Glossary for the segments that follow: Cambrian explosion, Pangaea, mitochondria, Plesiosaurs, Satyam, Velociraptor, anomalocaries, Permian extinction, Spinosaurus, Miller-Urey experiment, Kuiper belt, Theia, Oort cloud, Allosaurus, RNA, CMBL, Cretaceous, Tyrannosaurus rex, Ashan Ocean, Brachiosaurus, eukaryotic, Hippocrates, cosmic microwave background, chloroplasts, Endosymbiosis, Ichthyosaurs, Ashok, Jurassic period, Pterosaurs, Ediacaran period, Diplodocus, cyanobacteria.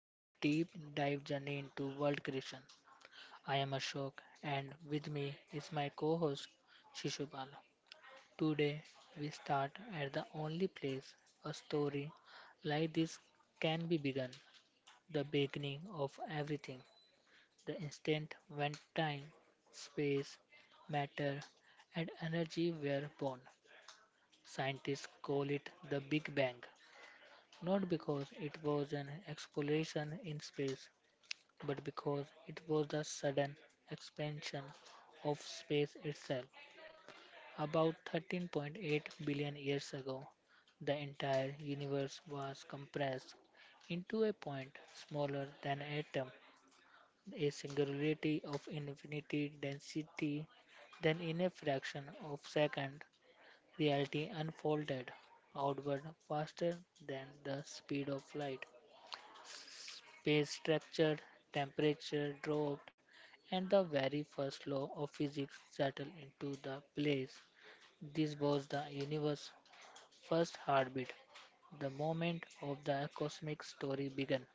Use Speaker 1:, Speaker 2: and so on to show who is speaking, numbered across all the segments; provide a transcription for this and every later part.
Speaker 1: one of deep dive journey into world creation. I am Ashok, and with me is my co-host Shishupal. Today we start at the only place a story like this can be begun: the beginning of everything, the instant when time, space, matter, and energy were born. Scientists call it the Big Bang, not because it was an exploration in space, but because it was the sudden expansion of space itself. About 13.8 billion years ago, the entire universe was compressed into a point smaller than an atom, a singularity of infinity density. Then, in a fraction of a second, reality unfolded outward faster than the speed of light. Space structure, temperature dropped, and the very first law of physics settled into the place. This was the universe's first heartbeat, the moment of the cosmic story began.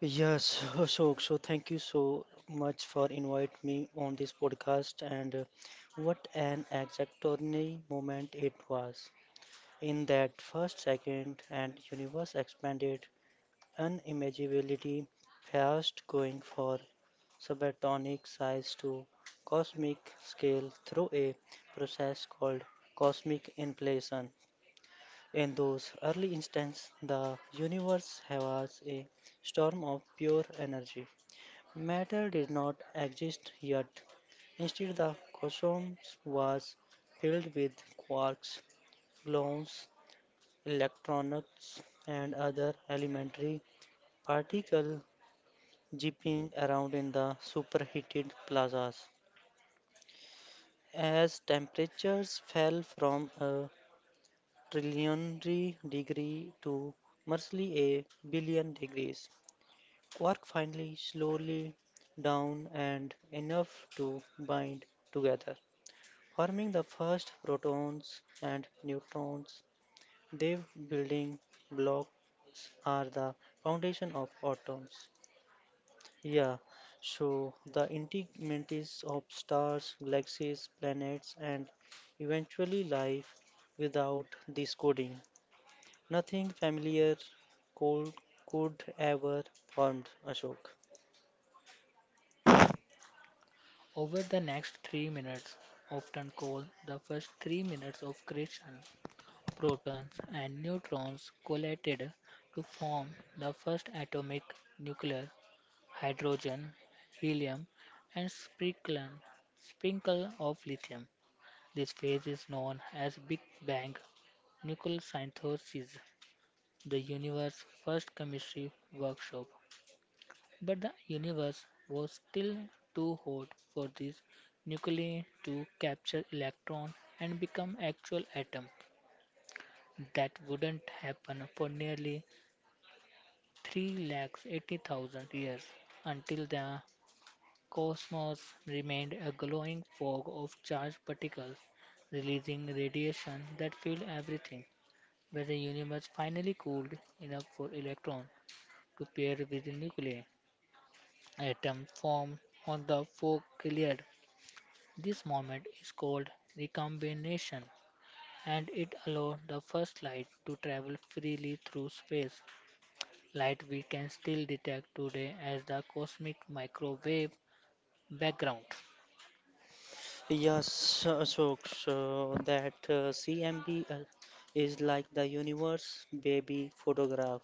Speaker 2: Yes, so thank you so much for inviting me on this podcast and what an extraordinary moment it was. In that first second and universe expanded unimaginability fast going for subatomic size to cosmic scale through a process called cosmic inflation. In those early instants, the universe was a storm of pure energy. Matter did not exist yet. Instead, the cosmos was filled with quarks, gluons, electrons, and other elementary particles zipping around in the superheated plazas. As temperatures fell from a trillionary degree to merely a billion degrees, quark finally slowly down and enough to bind together. Forming the first protons and neutrons, their building blocks are the foundation of atoms. Yeah, so the integrities of stars, galaxies, planets, and eventually life without this coding. Nothing familiar could, could ever formed Ashok.
Speaker 1: Over the next 3 minutes, often called the first 3 minutes of creation, protons and neutrons collided to form the first atomic nuclei hydrogen, helium, and sprinkle of lithium. This phase is known as Big Bang nucleosynthesis, the universe's first chemistry workshop. But the universe was still too hot for these nuclei to capture electron and become actual atom. That wouldn't happen for nearly 380,000 years, until the cosmos remained a glowing fog of charged particles, releasing radiation that filled everything. When the universe finally cooled enough for electrons to pair with the nuclei, atoms formed on the fog cleared. This moment is called recombination, and it allowed the first light to travel freely through space. Light we can still detect today as the cosmic microwave background.
Speaker 2: Yes, so that CMBL is like the universe baby photograph,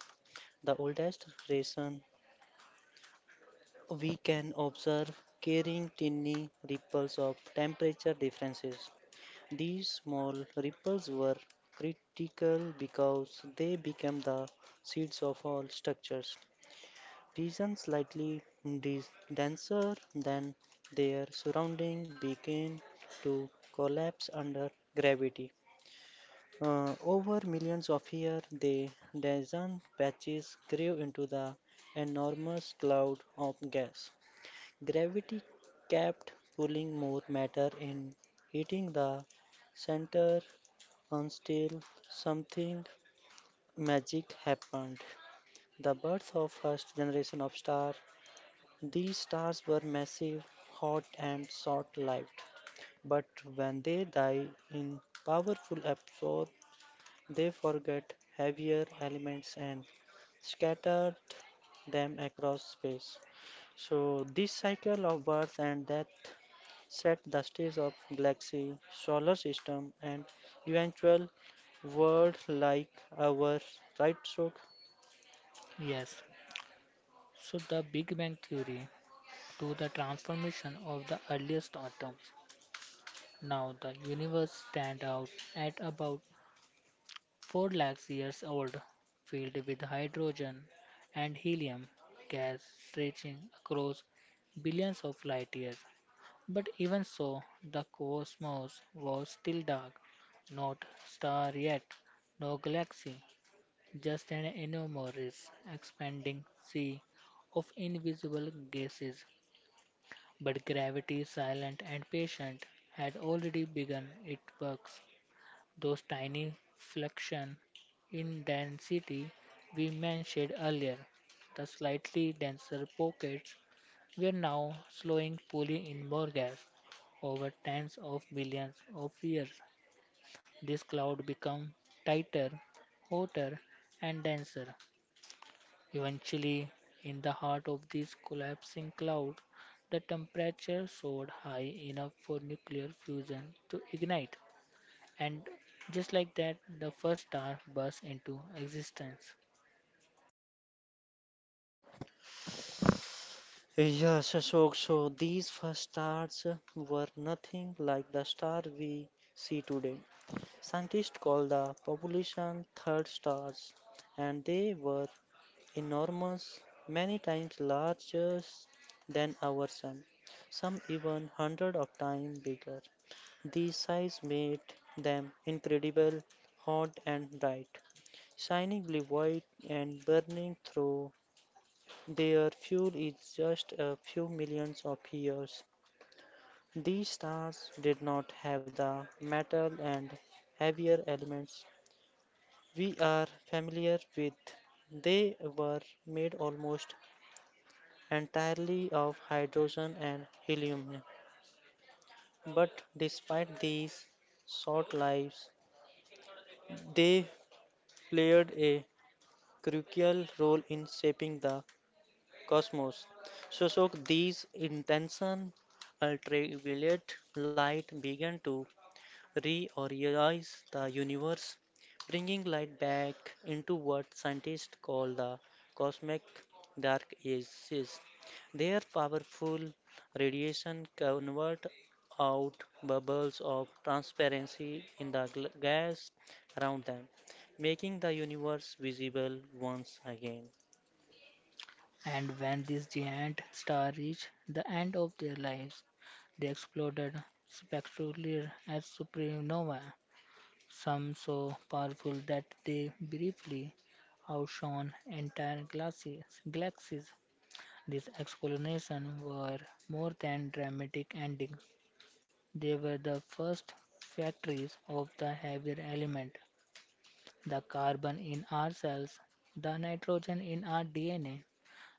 Speaker 2: the oldest reason we can observe carrying tiny ripples of temperature differences. These small ripples were critical because they became the seeds of all structures. Reason slightly denser than their surrounding begin to collapse under gravity. Over millions of years, the densest patches grew into the enormous cloud of gas. Gravity kept pulling more matter in, hitting the center until something magic happened. The birth of first generation of star these stars were massive, hot, and short lived, but when they die in powerful absorb, they forget heavier elements and scatter them across space. So, this cycle of birth and death set the stage of galaxy, solar system, and eventual world like our right so.
Speaker 1: Yes, so the Big Bang theory to the transformation of the earliest atoms. Now the universe stands out at about 4 lakhs years old, filled with hydrogen and helium gas stretching across billions of light years. But even so, the cosmos was still dark, not star yet, no galaxy, just an enormous expanding sea of invisible gases. But gravity, silent and patient, had already begun its works. Those tiny fluctuations in density we mentioned earlier, the slightly denser pockets, were now slowing, pulling in more gas. Over tens of billions of years, this cloud became tighter, hotter, and denser. Eventually, in the heart of this collapsing cloud, the temperature soared high enough for nuclear fusion to ignite. And just like that, the first star burst into existence.
Speaker 2: Yes, Ashok, so these first stars were nothing like the star we see today. Scientists call the population third stars, and they were enormous, many times larger than our sun, some even hundred of times bigger. These size made them incredible, hot and bright, shining blue white and burning through their fuel is just a few millions of years. These stars did not have the metal and heavier elements we are familiar with. They were made almost entirely of hydrogen and helium. But despite these short lives, they played a crucial role in shaping the cosmos. So these intention ultraviolet light began to reorganize the universe, bringing light back into what scientists call the cosmic dark ages. Their powerful radiation convert out bubbles of transparency in the gas around them, making the universe visible once again.
Speaker 1: And when this giant star reached the end of their lives, they exploded spectacularly as supernova, some so powerful that they briefly outshone entire galaxies. These explanations were more than dramatic endings. They were the first factories of the heavier element, the carbon in our cells, the nitrogen in our DNA,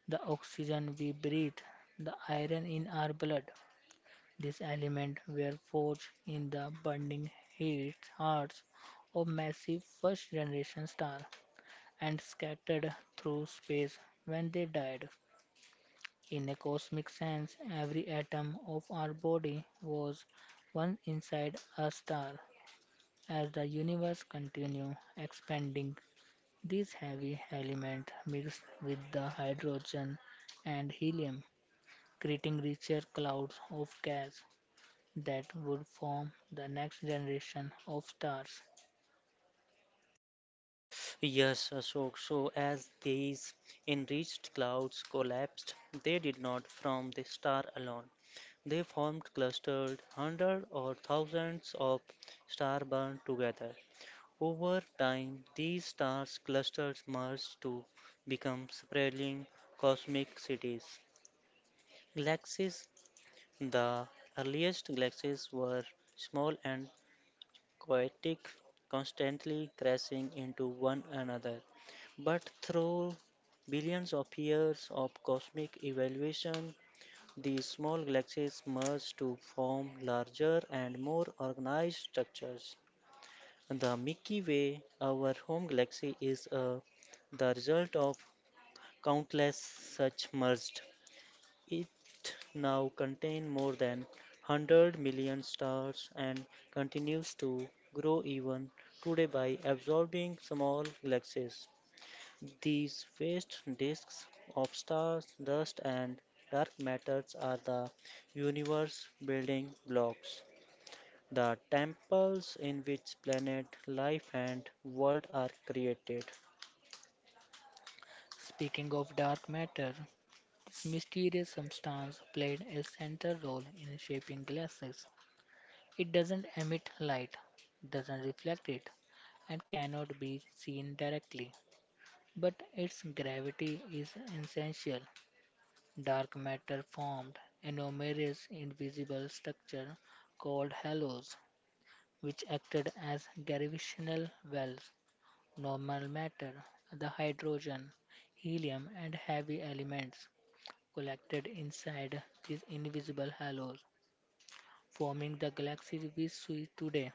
Speaker 1: the oxygen we breathe, the iron in our blood. These elements were forged in the burning heat hearts of massive first generation stars and scattered through space when they died. In a cosmic sense, every atom of our body was once inside a star. As the universe continues expanding, these heavy elements mix with the hydrogen and helium, creating richer clouds of gas that would form the next generation of stars.
Speaker 2: Yes, Ashok. So as these enriched clouds collapsed, they did not from the star alone. They formed clustered hundreds or thousands of stars burned together. Over time, these stars clusters merged to become sprawling cosmic cities. Galaxies, the earliest galaxies were small and chaotic, constantly crashing into one another. But through billions of years of cosmic evolution, these small galaxies merge to form larger and more organized structures. The Milky Way, our home galaxy, is the result of countless such merged it now contains more than 100 million stars and continues to grow even today by absorbing small galaxies. These vast disks of stars, dust, and dark matters are the universe building blocks, the temples in which planet, life, and world are created.
Speaker 1: Speaking of dark matter, this mysterious substance played a central role in shaping galaxies. It doesn't emit light, doesn't reflect it, and cannot be seen directly. But its gravity is essential. Dark matter formed enormous invisible structures called halos, which acted as gravitational wells. Normal matter, the hydrogen, helium, and heavy elements collected inside these invisible halos, forming the galaxies we see today.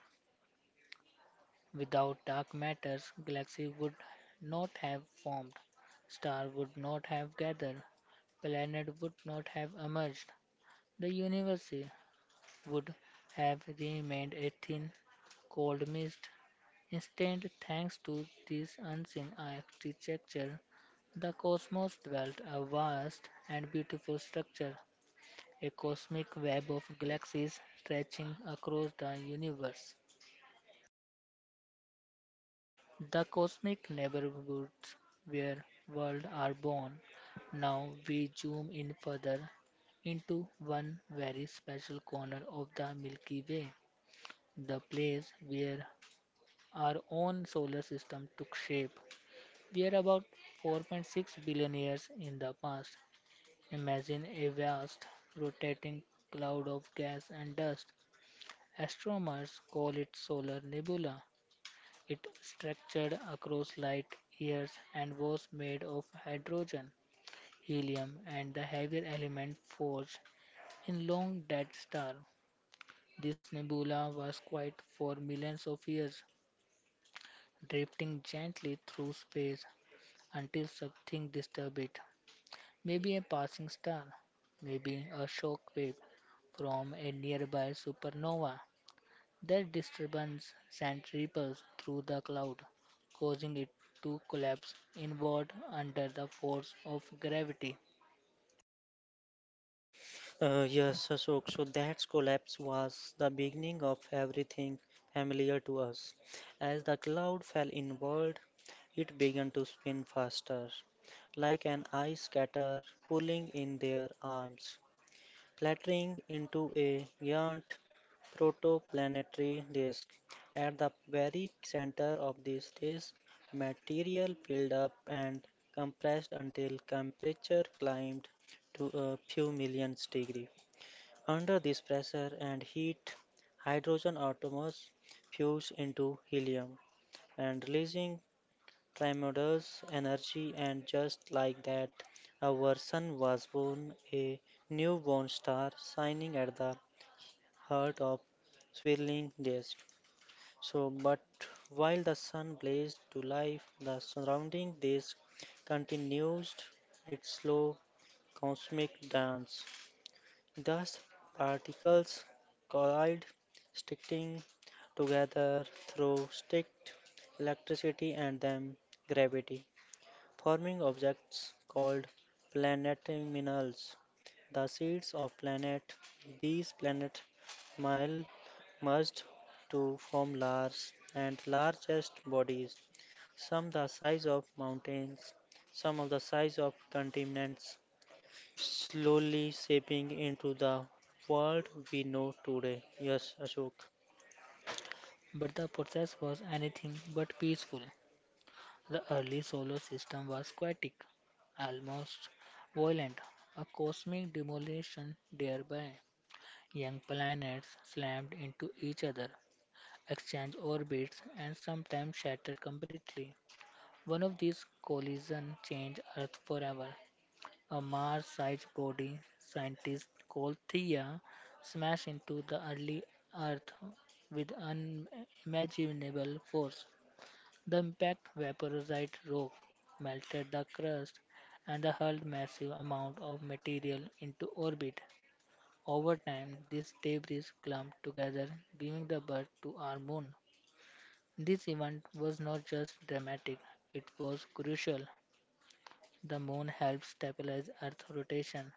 Speaker 1: Without dark matter, galaxies would not have formed, stars would not have gathered, planets would not have emerged. The universe would have remained a thin, cold mist. Instead, thanks to this unseen architecture, the cosmos dwelt a vast and beautiful structure, a cosmic web of galaxies stretching across the universe. The cosmic neighborhoods where worlds are born. Now we zoom in further into one very special corner of the Milky Way, the place where our own solar system took shape. We are about 4.6 billion years in the past. Imagine a vast rotating cloud of gas and dust. Astronomers call it solar nebula. It structured across light years and was made of hydrogen, helium, and the heavier element forged in long-dead stars. This nebula was quiet for millions of years, drifting gently through space until something disturbed it. Maybe a passing star, maybe a shock wave from a nearby supernova. Their disturbance sent ripples through the cloud, causing it to collapse inward under the force of gravity.
Speaker 2: Yes, Ashok. So that collapse was the beginning of everything familiar to us. As the cloud fell inward, it began to spin faster, like an ice scatter pulling in their arms, flattering into a giant protoplanetary disk. At the very center of this disk, material built up and compressed until temperature climbed to a few millions degree. Under this pressure and heat, hydrogen atoms fuse into helium and releasing tremendous energy and just like that our sun was born a newborn star shining at the heart of swirling disk so but while the sun blazed to life the surrounding disk continued its slow cosmic dance. Thus, particles collide, sticking together through sticked electricity and then gravity, forming objects called planetimals. The seeds of planet. These planet mile merged to form large and largest bodies, some the size of mountains, some of the size of continents, slowly shaping into the world we know today. Yes, Ashok.
Speaker 1: But the process was anything but peaceful. The early solar system was chaotic, almost violent, a cosmic demolition thereby. Young planets slammed into each other, exchanged orbits, and sometimes shattered completely. One of these collisions changed Earth forever. A Mars-sized body, scientists call Theia, smashed into the early Earth with unimaginable force. The impact vaporized rock, melted the crust, and hurled massive amounts of material into orbit. Over time, this debris clumped together, giving the birth to our moon. This event was not just dramatic, it was crucial. The moon helped stabilize Earth's rotation,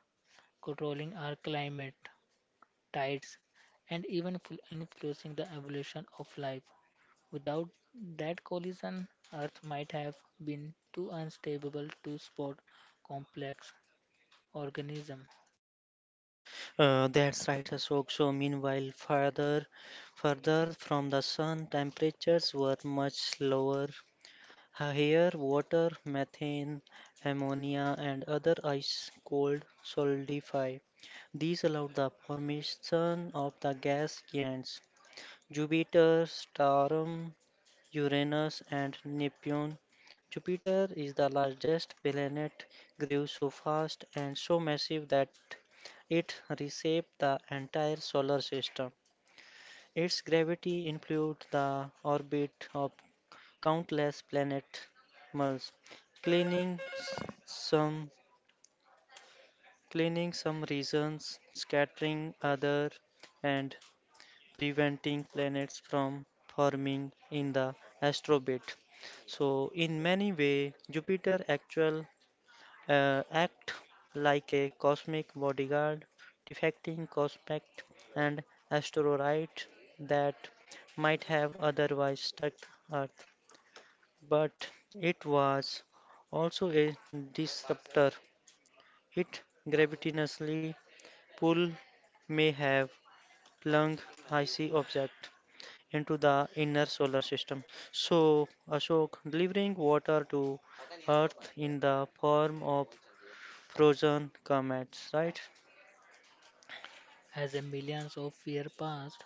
Speaker 1: controlling our climate, tides, and even influencing the evolution of life. Without that collision, Earth might have been too unstable to support complex organisms.
Speaker 2: That's right, Ashok. So, meanwhile, further from the sun, temperatures were much lower. Here, water, methane, ammonia, and other ice cold solidify. These allowed the formation of the gas giants. Jupiter, Saturn, Uranus, and Neptune. Jupiter is the largest planet, grew so fast and so massive that it reshaped the entire solar system. Its gravity influenced the orbit of countless planets, cleaning some, cleaning some regions, scattering others, and preventing planets from forming in the astrobit. So, in many way, Jupiter actual act like a cosmic bodyguard, defecting cosmic and asteroids that might have otherwise struck Earth. But it was also a disruptor. It gravitationally pull may have flung icy object into the inner solar system. So, Ashok, delivering water to Earth in the form of frozen comets, right?
Speaker 1: As the millions of years passed,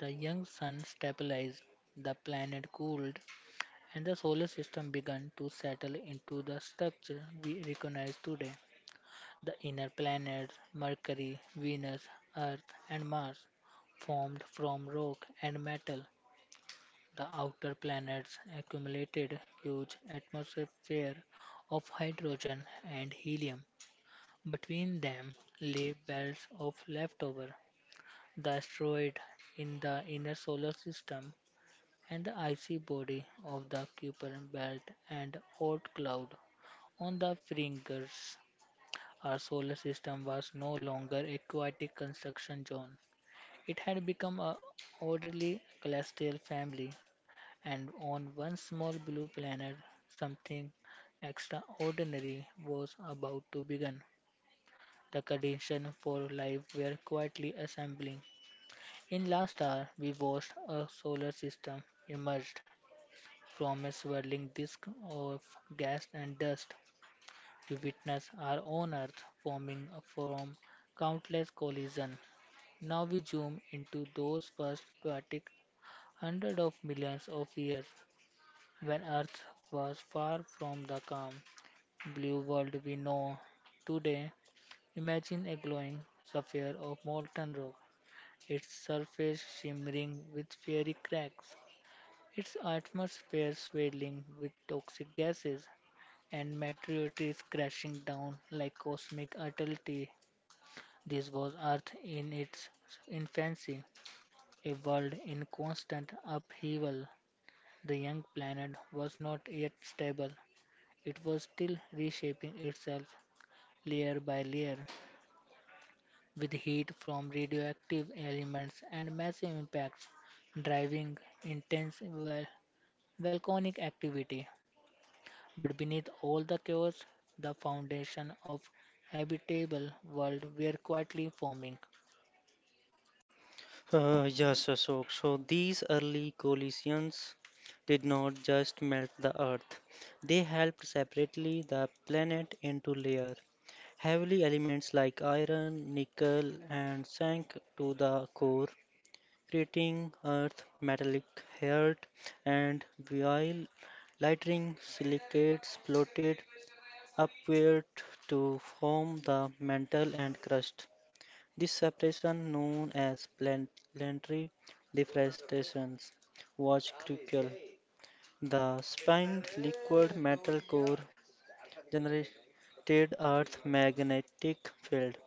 Speaker 1: the young sun stabilized, the planet cooled, and the solar system began to settle into the structure we recognize today. The inner planets Mercury, Venus, Earth, and Mars formed from rock and metal. The outer planets accumulated huge atmospheres of hydrogen and helium. Between them lay belts of leftover, the asteroid in the inner solar system, and the icy body of the Kuiper belt and Oort cloud on the fringes. Our solar system was no longer a chaotic construction zone. It had become a orderly celestial family, and on one small blue planet, something extraordinary was about to begin. The conditions for life were quietly assembling. In last hour, we watched a solar system emerged from a swirling disk of gas and dust. We witness our own Earth forming from countless collisions. Now we zoom into those first chaotic hundreds of millions of years when Earth was far from the calm blue world we know today. Imagine a glowing sphere of molten rock, its surface shimmering with fiery cracks, its atmosphere swirling with toxic gases, and meteorites crashing down like cosmic artillery. This was Earth in its infancy, a world in constant upheaval. The young planet was not yet stable. It was still reshaping itself layer by layer, with heat from radioactive elements and massive impacts driving intense volcanic activity. But beneath all the chaos, the foundation of habitable world were quietly forming.
Speaker 2: Yes, Ashok. So, these early collisions did not just melt the Earth, they helped separately the planet into layer. Heavily elements like iron, nickel, and sank to the core, creating earth metallic heart and while lighting silicates floated upward to form the mantle and crust. This separation, known as planetary deforestation, was crucial. The spined liquid metal core generated Earth's magnetic field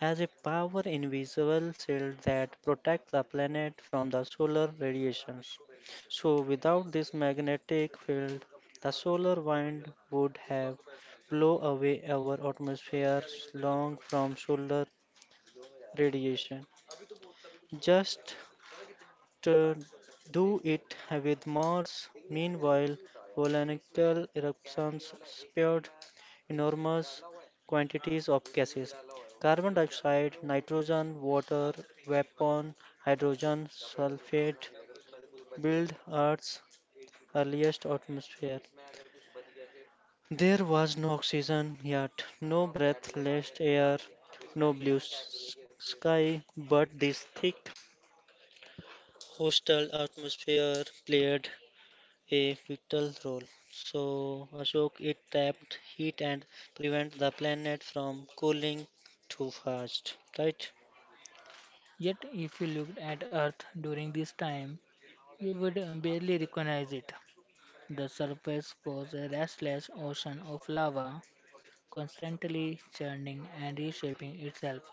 Speaker 2: as a power invisible shield that protects the planet from the solar radiations. So, without this magnetic field, the solar wind would have blown away our atmosphere's long from solar radiation. Just uh, do it with Mars. Meanwhile, volcanic eruptions spewed enormous quantities of gases carbon dioxide, nitrogen, water, vapor, hydrogen, sulfate built Earth's earliest atmosphere. There was no oxygen yet, no breathless air, no blue sky, but this thick, hostile atmosphere played a vital role. So, Ashok, it trapped heat and prevent the planet from cooling too fast, right?
Speaker 1: Yet, if you looked at Earth during this time, you would barely recognize it. The surface was a restless ocean of lava, constantly churning and reshaping itself.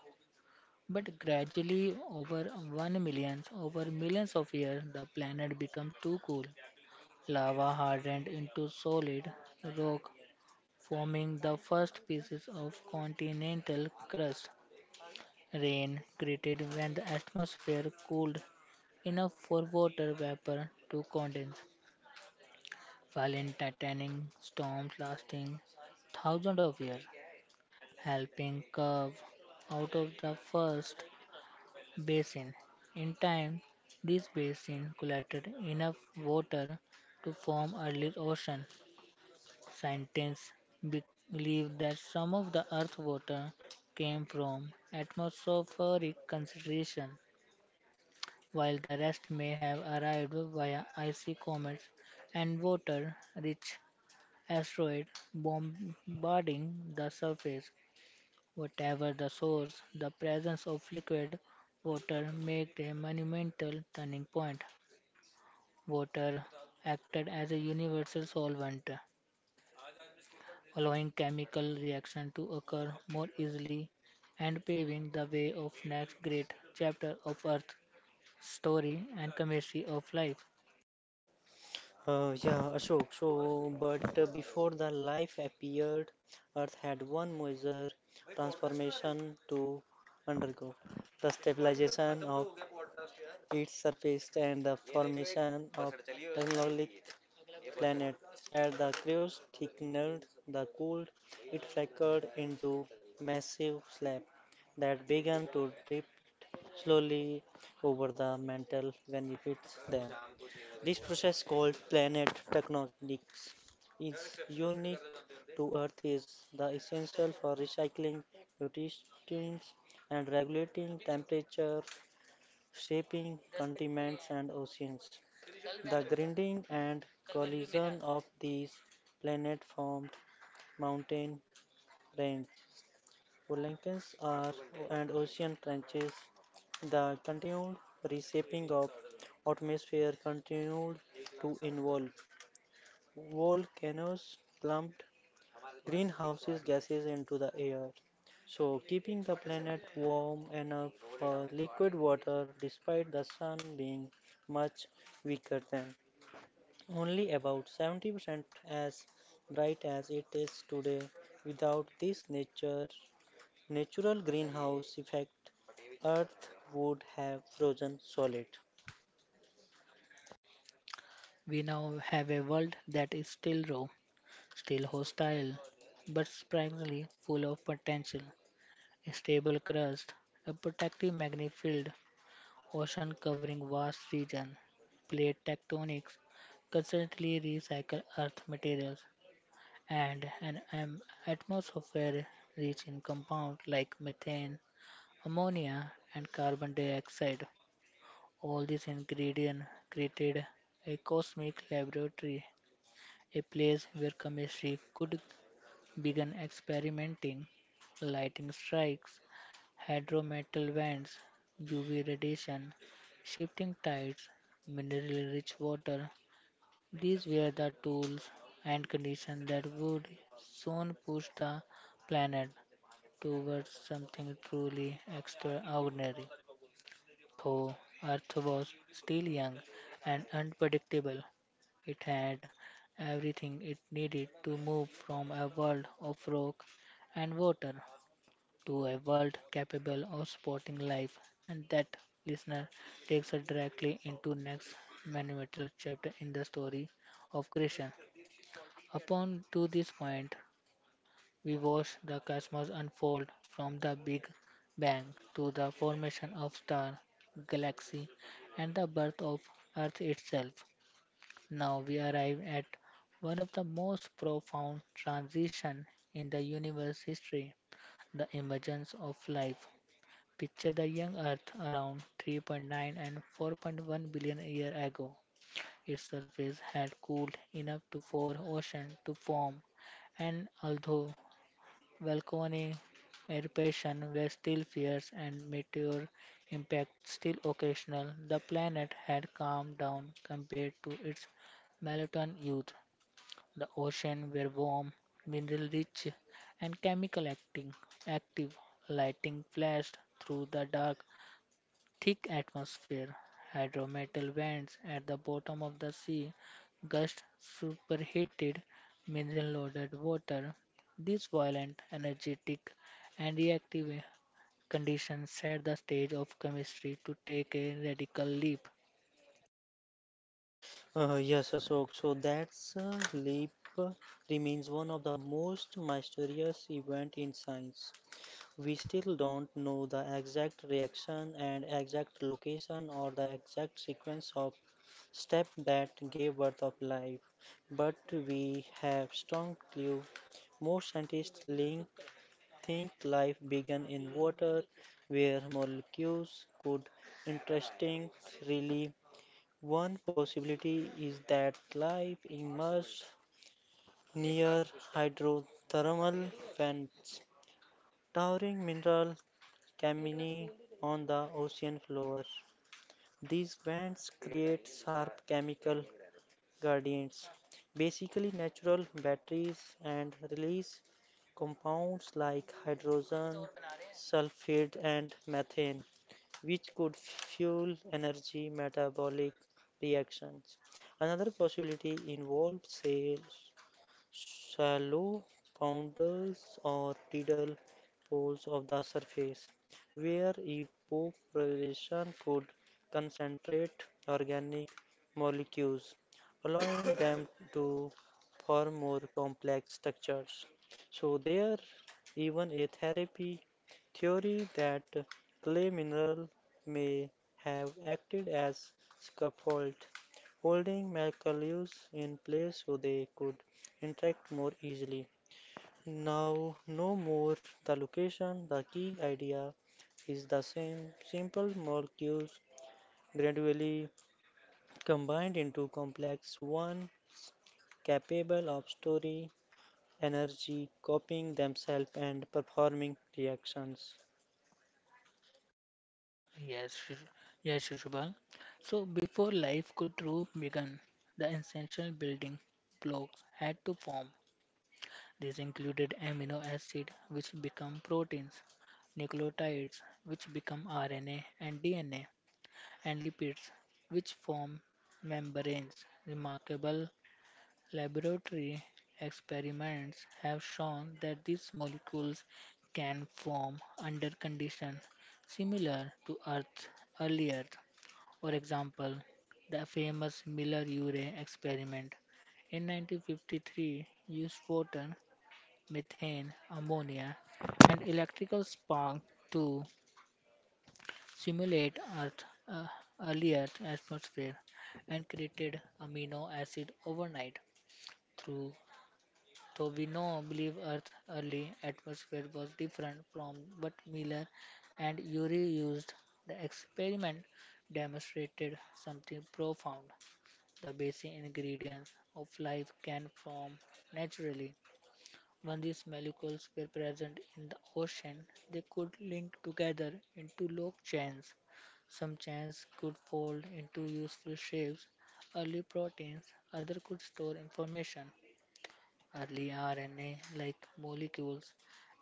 Speaker 1: But gradually, over millions of years, the planet became too cool. Lava hardened into solid rock, forming the first pieces of continental crust. Rain created when the atmosphere cooled enough for water vapor to condense, violent, in titanic storms lasting thousands of years, helping curve out of the first basin. In time, this basin collected enough water to form early ocean. Scientists be- believe that some of the earth's water came from atmospheric concentration while the rest may have arrived via icy comets and water-rich asteroids bombarding the surface. Whatever the source, the presence of liquid water made a monumental turning point. Water acted as a universal solvent, allowing chemical reactions to occur more easily and paving the way of next great chapter of Earth's story and chemistry of life.
Speaker 2: Yeah, Ashok. So, but before the life appeared, Earth had one major transformation to undergo: the stabilization of its surface and the formation of technologic planet. As the crews thickened the cold, it flickered into massive slab that began to drip slowly over the mantle beneath them. This process called planet tectonics is unique to Earth is the essential for recycling nutrients and regulating temperature, shaping continents and oceans. The grinding and collision of these planets formed mountain ranges, volcanoes, are, and ocean trenches. The continued reshaping of atmosphere continued to involve volcanoes plumped greenhouses gases into the air. So, keeping the planet warm enough for liquid water despite the sun being much weaker than only about 70% as bright as it is today. Without this nature natural greenhouse effect, Earth would have frozen solid.
Speaker 1: We now have a world that is still raw, still hostile, but surprisingly full of potential. A stable crust, a protective magnetic field, ocean covering vast regions, plate tectonics, constantly recycle earth materials, and an atmosphere rich in compounds like methane, ammonia, and carbon dioxide. All these ingredients created a cosmic laboratory, a place where chemistry could begin experimenting. Lighting strikes, hydrometal vents, UV radiation, shifting tides, mineral rich water. These were the tools and conditions that would soon push the planet towards something truly extraordinary. Though Earth was still young and unpredictable, it had everything it needed to move from a world of rock and water to a world capable of supporting life. And that, listener, takes us directly into next monumental chapter in the story of creation. Upon to this point, we watch the cosmos unfold from the Big Bang to the formation of star, galaxy, and the birth of Earth itself. Now we arrive at one of the most profound transitions in the universe history, the emergence of life. Picture the young Earth around 3.9 and 4.1 billion years ago. Its surface had cooled enough to for ocean to form, and although volcanic eruptions were still fierce and meteor impacts still occasional. The planet had calmed down compared to its molten youth. The oceans were warm, mineral-rich, and chemical acting active. Lighting flashed through the dark thick atmosphere, hydrometal vents at the bottom of the sea, gust superheated mineral loaded water. These violent, energetic, and reactive conditions set the stage of chemistry to take a radical leap.
Speaker 2: Yes, Ashok. So that's leap uh, remains one of the most mysterious event in science. We still don't know the exact reaction and exact location or the exact sequence of step that gave birth of life, but we have strong clue. Most scientists think life began in water, where molecules could interesting really. One possibility is that life emerged near hydrothermal vents. Towering mineral Camini on the ocean floor. These vents create sharp chemical gradients, basically natural batteries, and release compounds like hydrogen, sulfide, and methane, which could fuel energy metabolic reactions. Another possibility involves sails shallow pounders or tidal pools of the surface, where evaporation could concentrate organic molecules, allowing them to form more complex structures. So, there even a therapy theory that clay mineral may have acted as scaffold, holding molecules in place so they could interact more easily. Now, no more the location, the key idea is the same. Simple molecules gradually combined into complex one capable of storing energy, copying themselves and performing reactions.
Speaker 1: Yes, Shish- yes, Shishupal. So before life could truly begin, the essential building blocks had to form. These included amino acids, which become proteins, nucleotides, which become RNA and DNA, and lipids, which form membranes. Remarkable laboratory experiments have shown that these molecules can form under conditions similar to Earth's early Earth. For example, the famous Miller-Urey experiment in 1953 used photon methane, ammonia, and electrical spark to simulate Earth, uh, early Earth atmosphere and created amino acid overnight. Through though we know believe Earth early atmosphere was different from what Miller and Urey used, the experiment demonstrated something profound. The basic ingredients of life can form naturally. When these molecules were present in the ocean, they could link together into long chains. Some chains could fold into useful shapes, early proteins, others could store information, early RNA like molecules.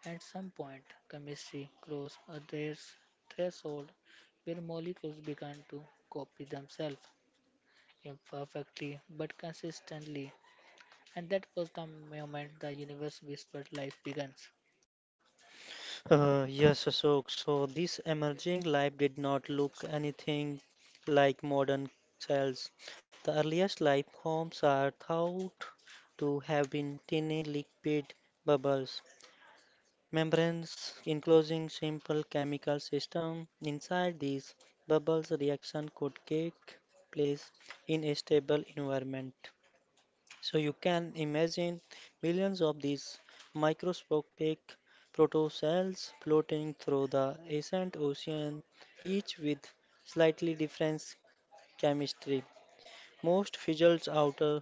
Speaker 1: At some point, chemistry crossed a threshold where molecules began to copy themselves imperfectly but consistently, and that was the moment the universe whispered life begins.
Speaker 2: Yes, Ashok. So this emerging life did not look anything like modern cells. The earliest life forms are thou to have been tiny liquid bubbles, membranes enclosing simple chemical system. Inside these bubbles, reaction could take place in a stable environment. So you can imagine millions of these microscopic protocells floating through the ancient ocean, each with slightly different chemistry. Most fizzled out,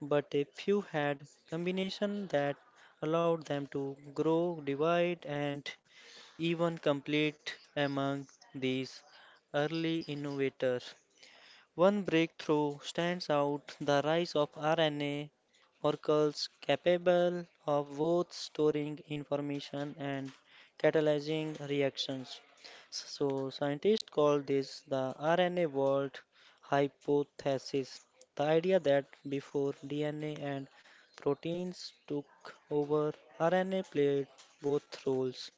Speaker 2: but a few had combination that allowed them to grow, divide, and even complete among these early innovators. One breakthrough stands out the rise of RNA molecules capable of both storing information and catalyzing reactions. So, scientists call this the RNA vault hypothesis. The idea that before DNA and proteins took over, RNA played both roles.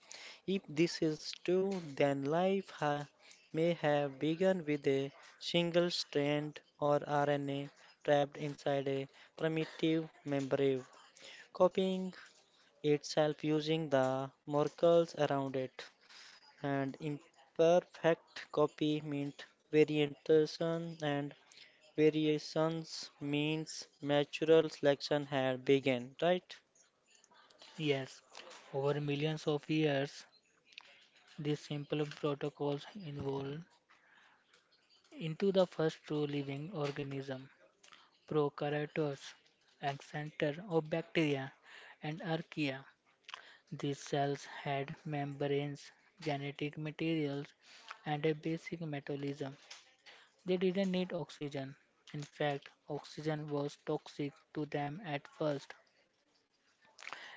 Speaker 2: If this is true, then may have begun with a single strand or RNA trapped inside a primitive membrane, copying itself using the molecules around it. And imperfect copy meant variation, and variations means natural selection had begun, right?
Speaker 1: Yes, over millions of years, these simple protocols evolved into the first true living organism, prokaryotes, ancestor of bacteria and archaea. These cells had membranes, genetic materials, and a basic metabolism. They didn't need oxygen. In fact, oxygen was toxic to them at first.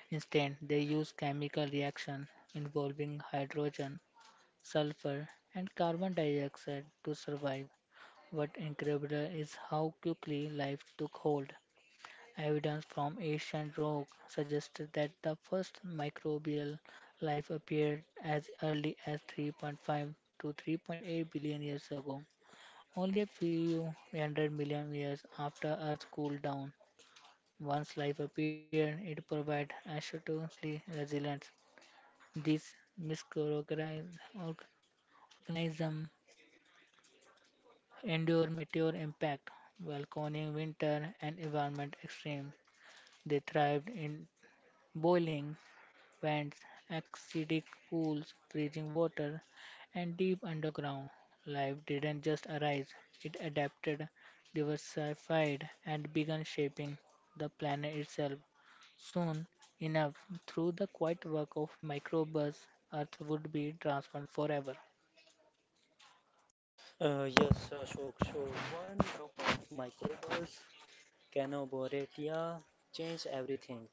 Speaker 1: Instead, they used chemical reactions involving hydrogen sulfur, and carbon dioxide to survive. What incredible is how quickly life took hold. Evidence from ancient rock suggested that the first microbial life appeared as early as 3.5 to 3.8 billion years ago, only a few hundred million years after Earth cooled down. Once life appeared, it provided astonishingly resilience. These microorganisms endure meteor impact while conning winter and environment extremes. They thrived in boiling vents, acidic pools, freezing water, and deep underground. Life didn't just arise, it adapted, diversified, and began shaping the planet itself. Soon enough, through the quiet work of microbes, Earth would be transformed forever.
Speaker 2: Yes, Ashok. So one group of microbes, Canoboratia, changed everything.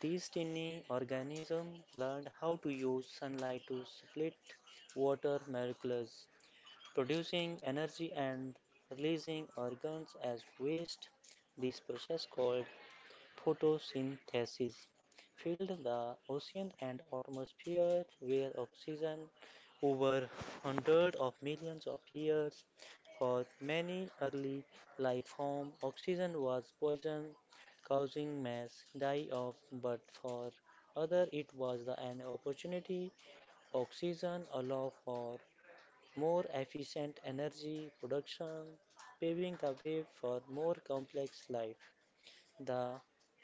Speaker 2: These tiny organisms learned how to use sunlight to split water molecules, producing energy and releasing organs as waste. This process called Photosynthesis filled the ocean and atmosphere with oxygen over hundreds of millions of years. For many early life forms, oxygen was poison, causing mass die-off, but for others it was an opportunity. Oxygen allowed for more efficient energy production, paving the way for more complex life. The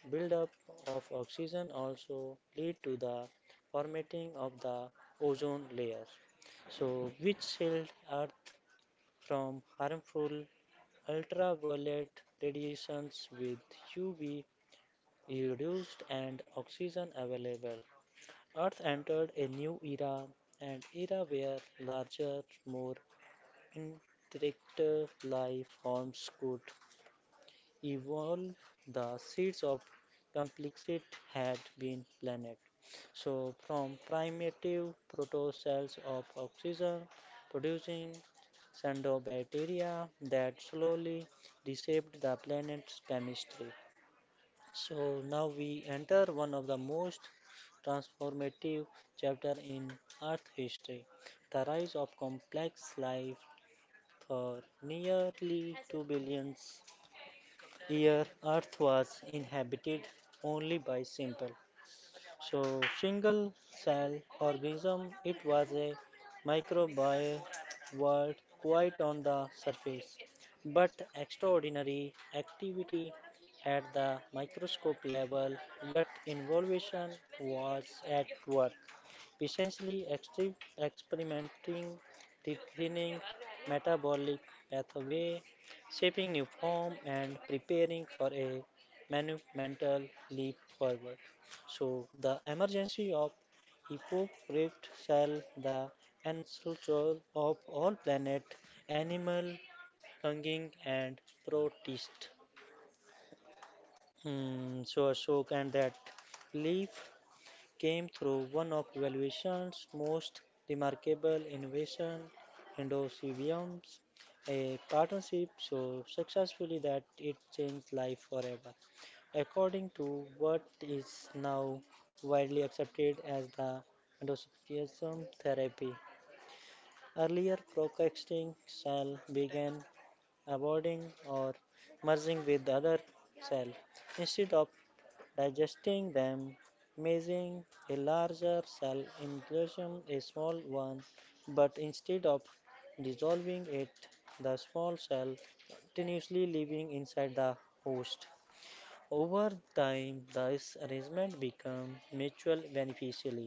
Speaker 2: buildup of oxygen also lead to the formatting of the ozone layer, which shield Earth from harmful ultraviolet radiations with UV reduced and oxygen available. Earth entered a new era, an era where larger, more interactive life forms could evolve, the seeds of complexity had been planted. So, from primitive protocells of oxygen producing cyanobacteria that slowly reshaped the planet's chemistry. So, now we enter one of the most transformative chapter in Earth history, the rise of complex life for nearly 2 billion here, Earth was inhabited only by simple single cell organism it was a microbial world quite on the surface, but extraordinary activity at the microscope level yet involution was at work essentially experimenting defining metabolic pathway, shaping new form and preparing for a monumental leap forward. So the emergency of Hippocrates shall the ancestor of all planet, animal, hanging and protist. So Ashok and that leaf came through one of Valuation's most remarkable innovation Endosymbioms, a partnership so successfully that it changed life forever. According to what is now widely accepted as the endosymbiosis therapy, earlier procasting cell began avoiding or merging with other cell instead of digesting them, making a larger cell enclosure a small one, but instead of dissolving it, the small cell continuously living inside the host. Over time, this arrangement becomes mutually beneficial.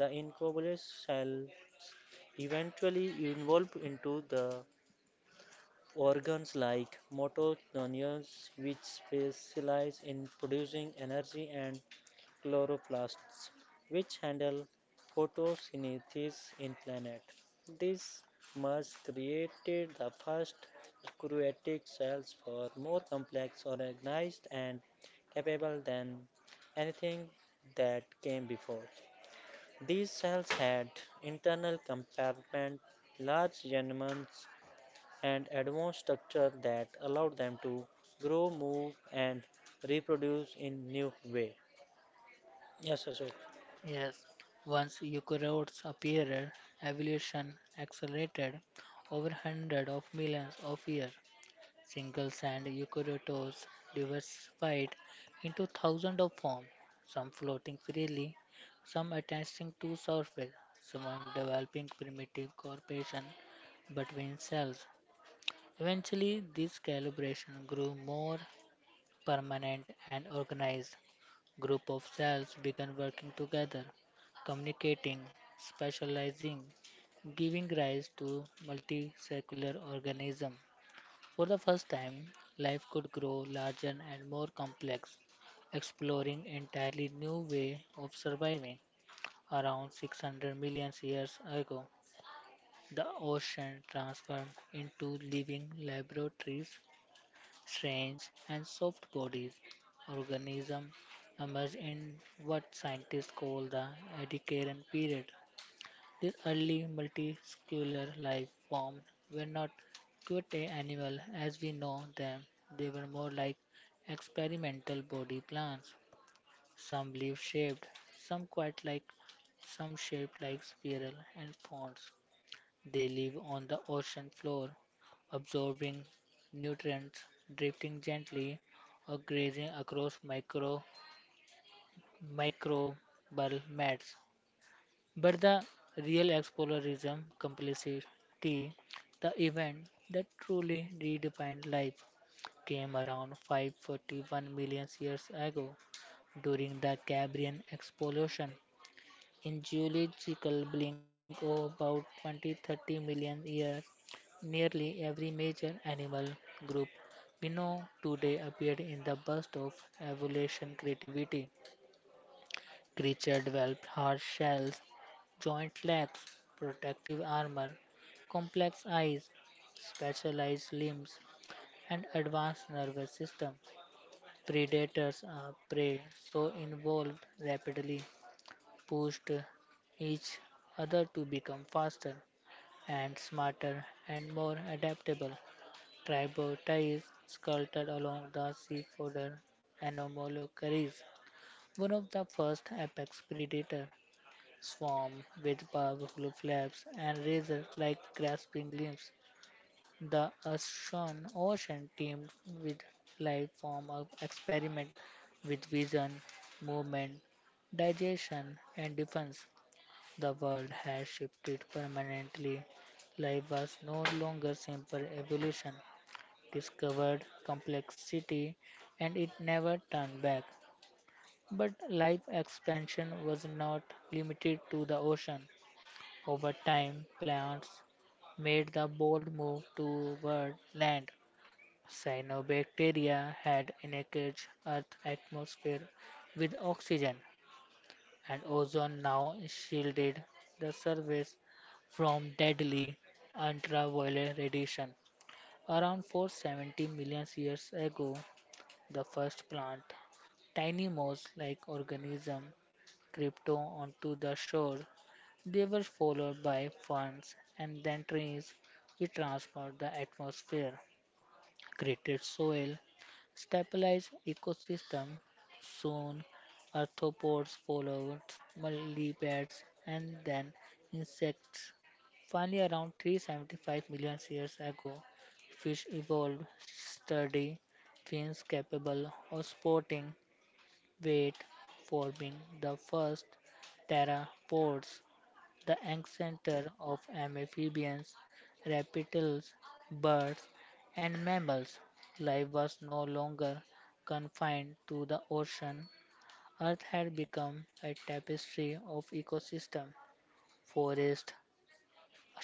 Speaker 2: The incubator cell eventually evolve into the organs like mitochondria, which specialize in producing energy, and chloroplasts, which handle photosynthesis in planet. This merge created the first eukaryotic cells for more complex, organized, and capable than anything that came before. These cells had internal compartments, large genomes, and advanced structure that allowed them to grow, move, and reproduce in new way. Yes, Ashok.
Speaker 1: Yes, once eukaryotes appeared, evolution accelerated over hundreds of millions of years. Single celled eukaryotes diversified into thousands of forms, some floating freely, some attaching to surface, some developing primitive cooperation between cells. Eventually, this calibration grew more permanent and organized, group of cells began working together, communicating, specializing, giving rise to multicellular organisms. For the first time, life could grow larger and more complex, exploring entirely new way of surviving. Around 600 million years ago, the ocean transformed into living laboratories strange and soft bodies organisms emerge in what scientists call the Ediacaran period. These early multiscular life forms were not cute animals as we know them. They were more like experimental body plans. Some leaf-shaped, some quite like, some shaped like spiral and fronds. They live on the ocean floor, absorbing nutrients, drifting gently, or grazing across microbial mats. But the real explorism complexity, the event that truly redefined life, came around 541 million years ago during the Cambrian explosion. In geological blink of about 20-30 million years, nearly every major animal group we know today appeared in the burst of evolution creativity. Creatures developed hard shells, joint legs, protective armor, complex eyes, specialized limbs, and advanced nervous systems. Predators are prey so evolved rapidly pushed each other to become faster and smarter and more adaptable. Tribal ties sculpted along the seafooder anomalocaries, one of the first apex predator, swarm with powerful flaps and razor-like grasping limbs. The Ashan Ocean teemed with life form of experiment with vision, movement, digestion, and defense. The world had shifted permanently. Life was no longer simple evolution, discovered complexity, and it never turned back. But life expansion was not limited to the ocean. Over time, plants made the bold move toward land. Cyanobacteria had enriched Earth's atmosphere with oxygen, and ozone now shielded the surface from deadly ultraviolet radiation. Around 470 million years ago, the first plant, tiny moss like organism, crept onto the shore. They were followed by ferns and then trees, which transformed the atmosphere. Created soil, stabilized ecosystem. Soon, arthropods followed, millipedes, and then insects. Finally, around 375 million years ago, fish evolved sturdy fins capable of sporting weight, forming the first pteropods the ancestor of amphibians, reptiles, birds, and mammals. Life was no longer confined to the ocean. Earth had become a tapestry of ecosystem: forests,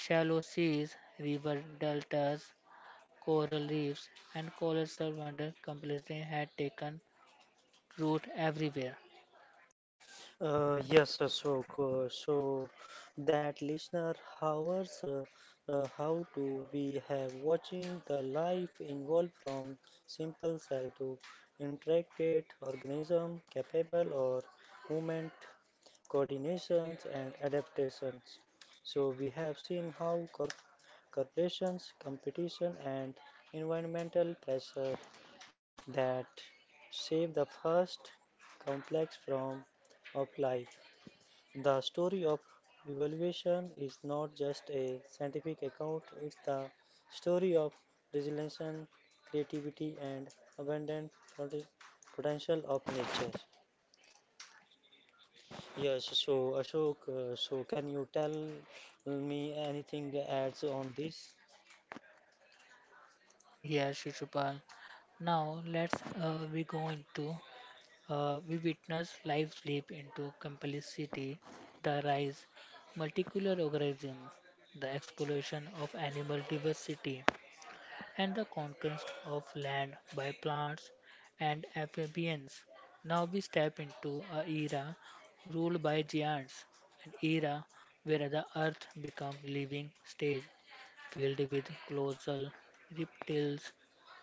Speaker 1: shallow seas, river deltas, coral reefs, and coral survivors completely had taken root everywhere.
Speaker 2: So that listener, hours, how do we have watching the life involved from simple cell to intricate organism capable or movement coordinations and adaptations. So we have seen how corporations, competition, and environmental pressure that save the first complex from of life. The story of evolution is not just a scientific account, it's the story of resilience, creativity, and abundant pot- potential of nature. Yes, so Ashok, so can you tell me anything adds on this?
Speaker 1: Here, Shishupal. Now let's we go into we witness life slip into complexity, the rise multicultural organisms, the exploration of animal diversity, and the conquest of land by plants and amphibians. Now we step into a era ruled by giants, an era where the earth becomes living stage filled with colossal reptiles,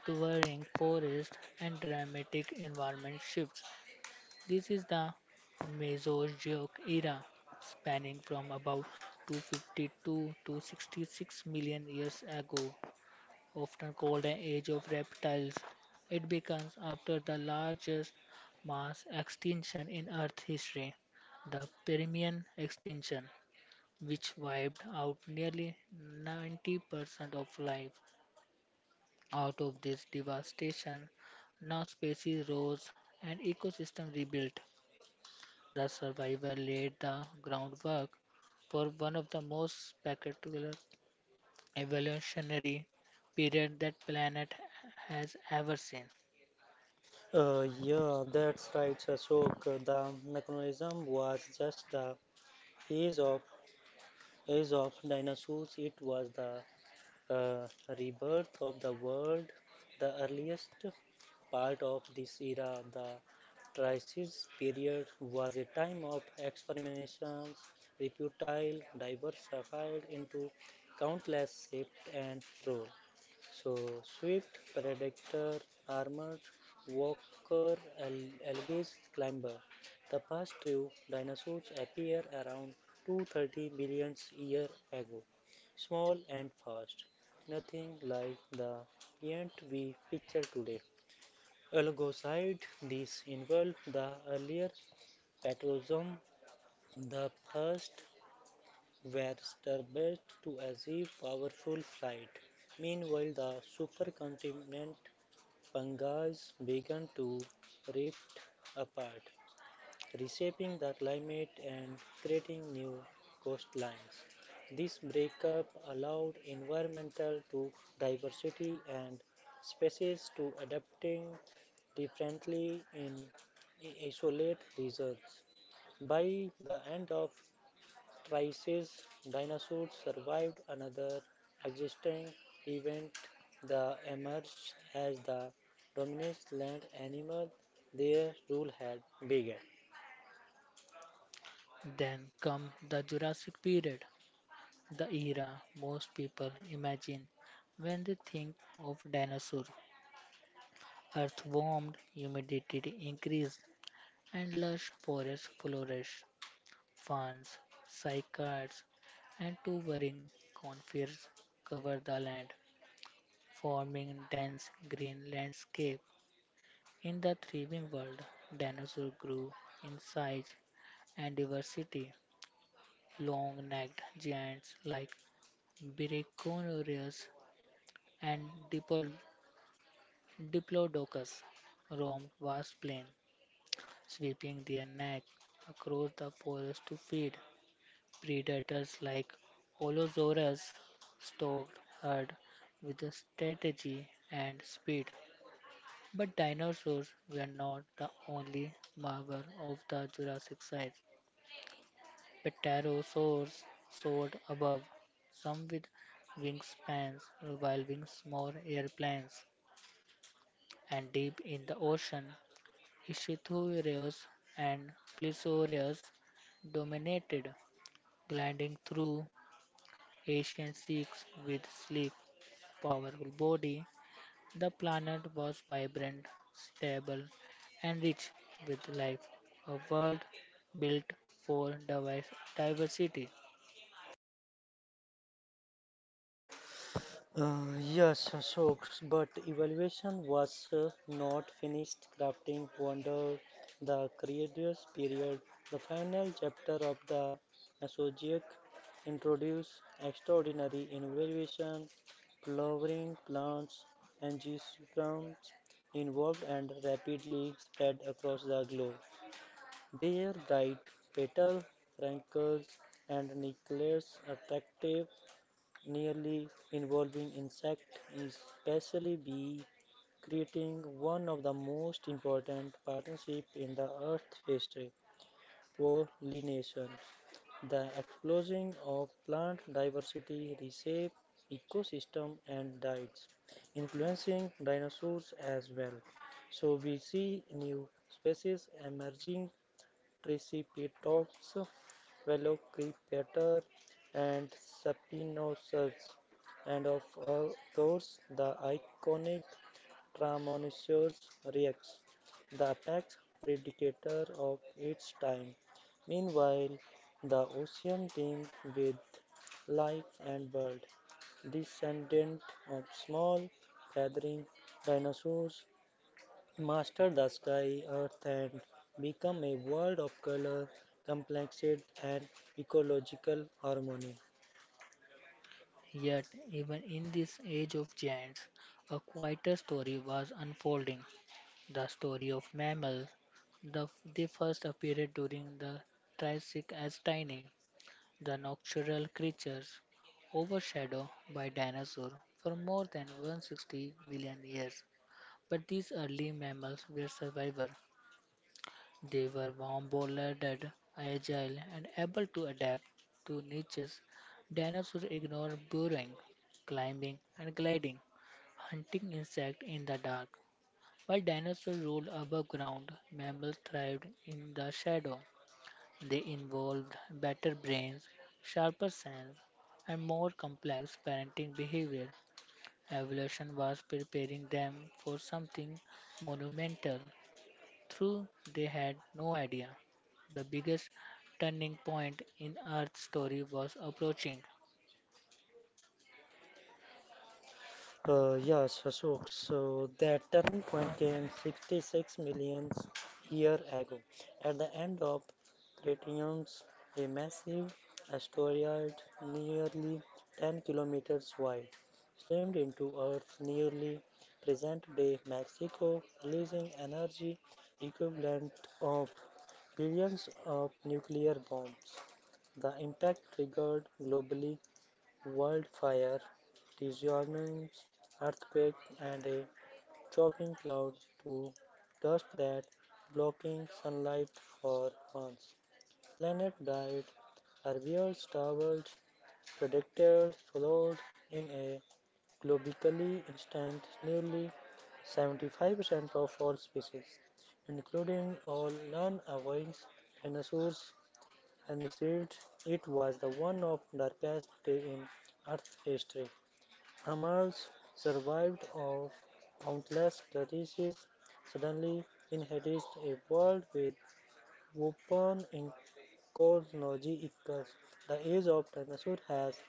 Speaker 1: towering forests, and dramatic environment shifts. This is the Mesozoic era, spanning from about 252 to 66 million years ago, often called an age of reptiles. It begins after the largest mass extinction in Earth history, the Permian extinction, which wiped out nearly 90% of life. Out of this devastation, new species rose and ecosystem rebuilt. The survivor laid the groundwork for one of the most spectacular evolutionary periods that planet has ever seen.
Speaker 2: Yeah, that's right, Ashok. The mechanism was just the age of age of dinosaurs. It was the uh, rebirth of the world, the earliest part of this era, the Triassic period, was a time of experimentations. Reptile diversified into countless shapes and roles. So swift, predator, armored, walker, algae, climber. The past two dinosaurs appear around 230 billion years ago, small and fast, nothing like the giant we picture today. Alongside this involved the earlier patrozoum, the first were starbirds to achieve powerful flight. Meanwhile, the supercontinent Panga's began to rift apart, reshaping the climate and creating new coastlines. This breakup allowed environmental to diversity and species to adapting differently in isolate regions. By the end of crisis, dinosaurs survived another existing event that emerged as the dominant land animal their rule had begun.
Speaker 1: Then come the Jurassic period, the era most people imagine when they think of dinosaurs. Earth warmed, humidity increased, and lush forests flourished. Ferns, cycads, and towering conifers cover the land, forming dense green landscape. In the thriving world, dinosaurs grew in size and diversity. Long-necked giants like Brachiosaurus and Dipol- Diplodocus roamed vast plains, sweeping their neck across the forest to feed. Predators like Allosaurus stalked herd with strategy and speed. But dinosaurs were not the only marvel of the Jurassic site. Pterosaurs soared above, some with wingspans rivaling small airplanes, and deep in the ocean, Ichthyosaurs and Plesiosaurs dominated, gliding through ancient seas with sleek, powerful body. The planet was vibrant, stable, and rich with life, a world built for diversity.
Speaker 2: Yes, Ashok, but evaluation was not finished. Crafting wonder the creator's period. The final chapter of the Asociac introduced extraordinary innovation, flowering plants and geosperms involved and rapidly spread across the globe. Their bright petal, rankles, and nucleus attractive nearly involving insect, especially bee, creating one of the most important partnerships in the Earth's history, pollination. The explosion of plant diversity reshaped ecosystem and diets, influencing dinosaurs as well. So we see new species emerging Triceratops, Velociraptor, and Spinosaurus, and of all those, the iconic Tyrannosaurus rex, the apex predator of its time. Meanwhile, the ocean teemed with life and bird, descendant of small feathering dinosaurs Master the sky, earth, and become a world of color, complexity, and ecological harmony.
Speaker 1: Yet, even in this age of giants, a quieter story was unfolding the story of mammals. The, they first appeared during the Triassic as tiny, the nocturnal creatures overshadowed by dinosaurs for more than 160 million years. But these early mammals were survivors. They were warm-blooded, agile, and able to adapt to niches. Dinosaurs ignored burrowing, climbing, and gliding, hunting insects in the dark. While dinosaurs ruled above ground, mammals thrived in the shadow. They involved better brains, sharper sense, and more complex parenting behavior. Evolution was preparing them for something monumental. True, they had no idea. The biggest turning point in Earth's story was approaching,
Speaker 2: Yes, Ashok. So that turning point came 66 million years ago. At the end of Cretaceous, a massive asteroid nearly 10 kilometers wide slammed into Earth nearly present-day Mexico, releasing energy equivalent of billions of nuclear bombs. The impact triggered globally wildfire, tsunamis, earthquake, and a choking cloud to dust that blocking sunlight for months. Planet died, herbivores starved, predators followed in a globally instant nearly 75% of all species, including all non-avowing dinosaurs and said it was the one of darkest day in Earth's history. Amals survived of countless terrorists suddenly inherited a world with weapon in technology equals the age of dinosaurs has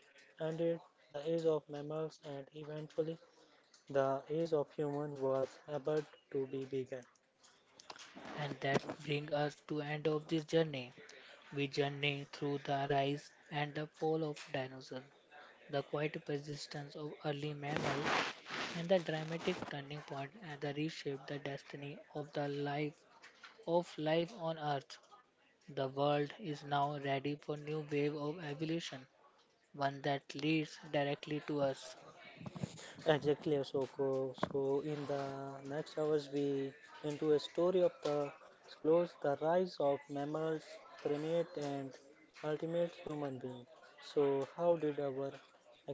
Speaker 2: ended the age of mammals and eventually the age of humans was about to be begun.
Speaker 1: and that brings us to end of this journey. We journey through the rise and the fall of dinosaurs, the quiet persistence of early mammals, and the dramatic turning point and the reshape the destiny of the life of life on Earth. The world is now ready for new wave of evolution, one that leads directly to us.
Speaker 2: Exactly, Asoko. So, in the next hours, we into a story of the close, the rise of mammals, primate, and ultimate human being. So, how did our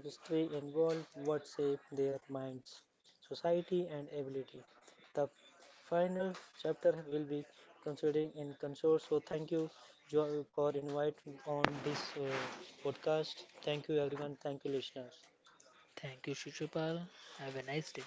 Speaker 2: history evolve? What shaped their minds, society, and ability? The final chapter will be considering in consort. So, thank you, Joy, for inviting on this podcast. Thank you, everyone. Thank you, listeners.
Speaker 1: Thank you, Shishupal. Have a nice day.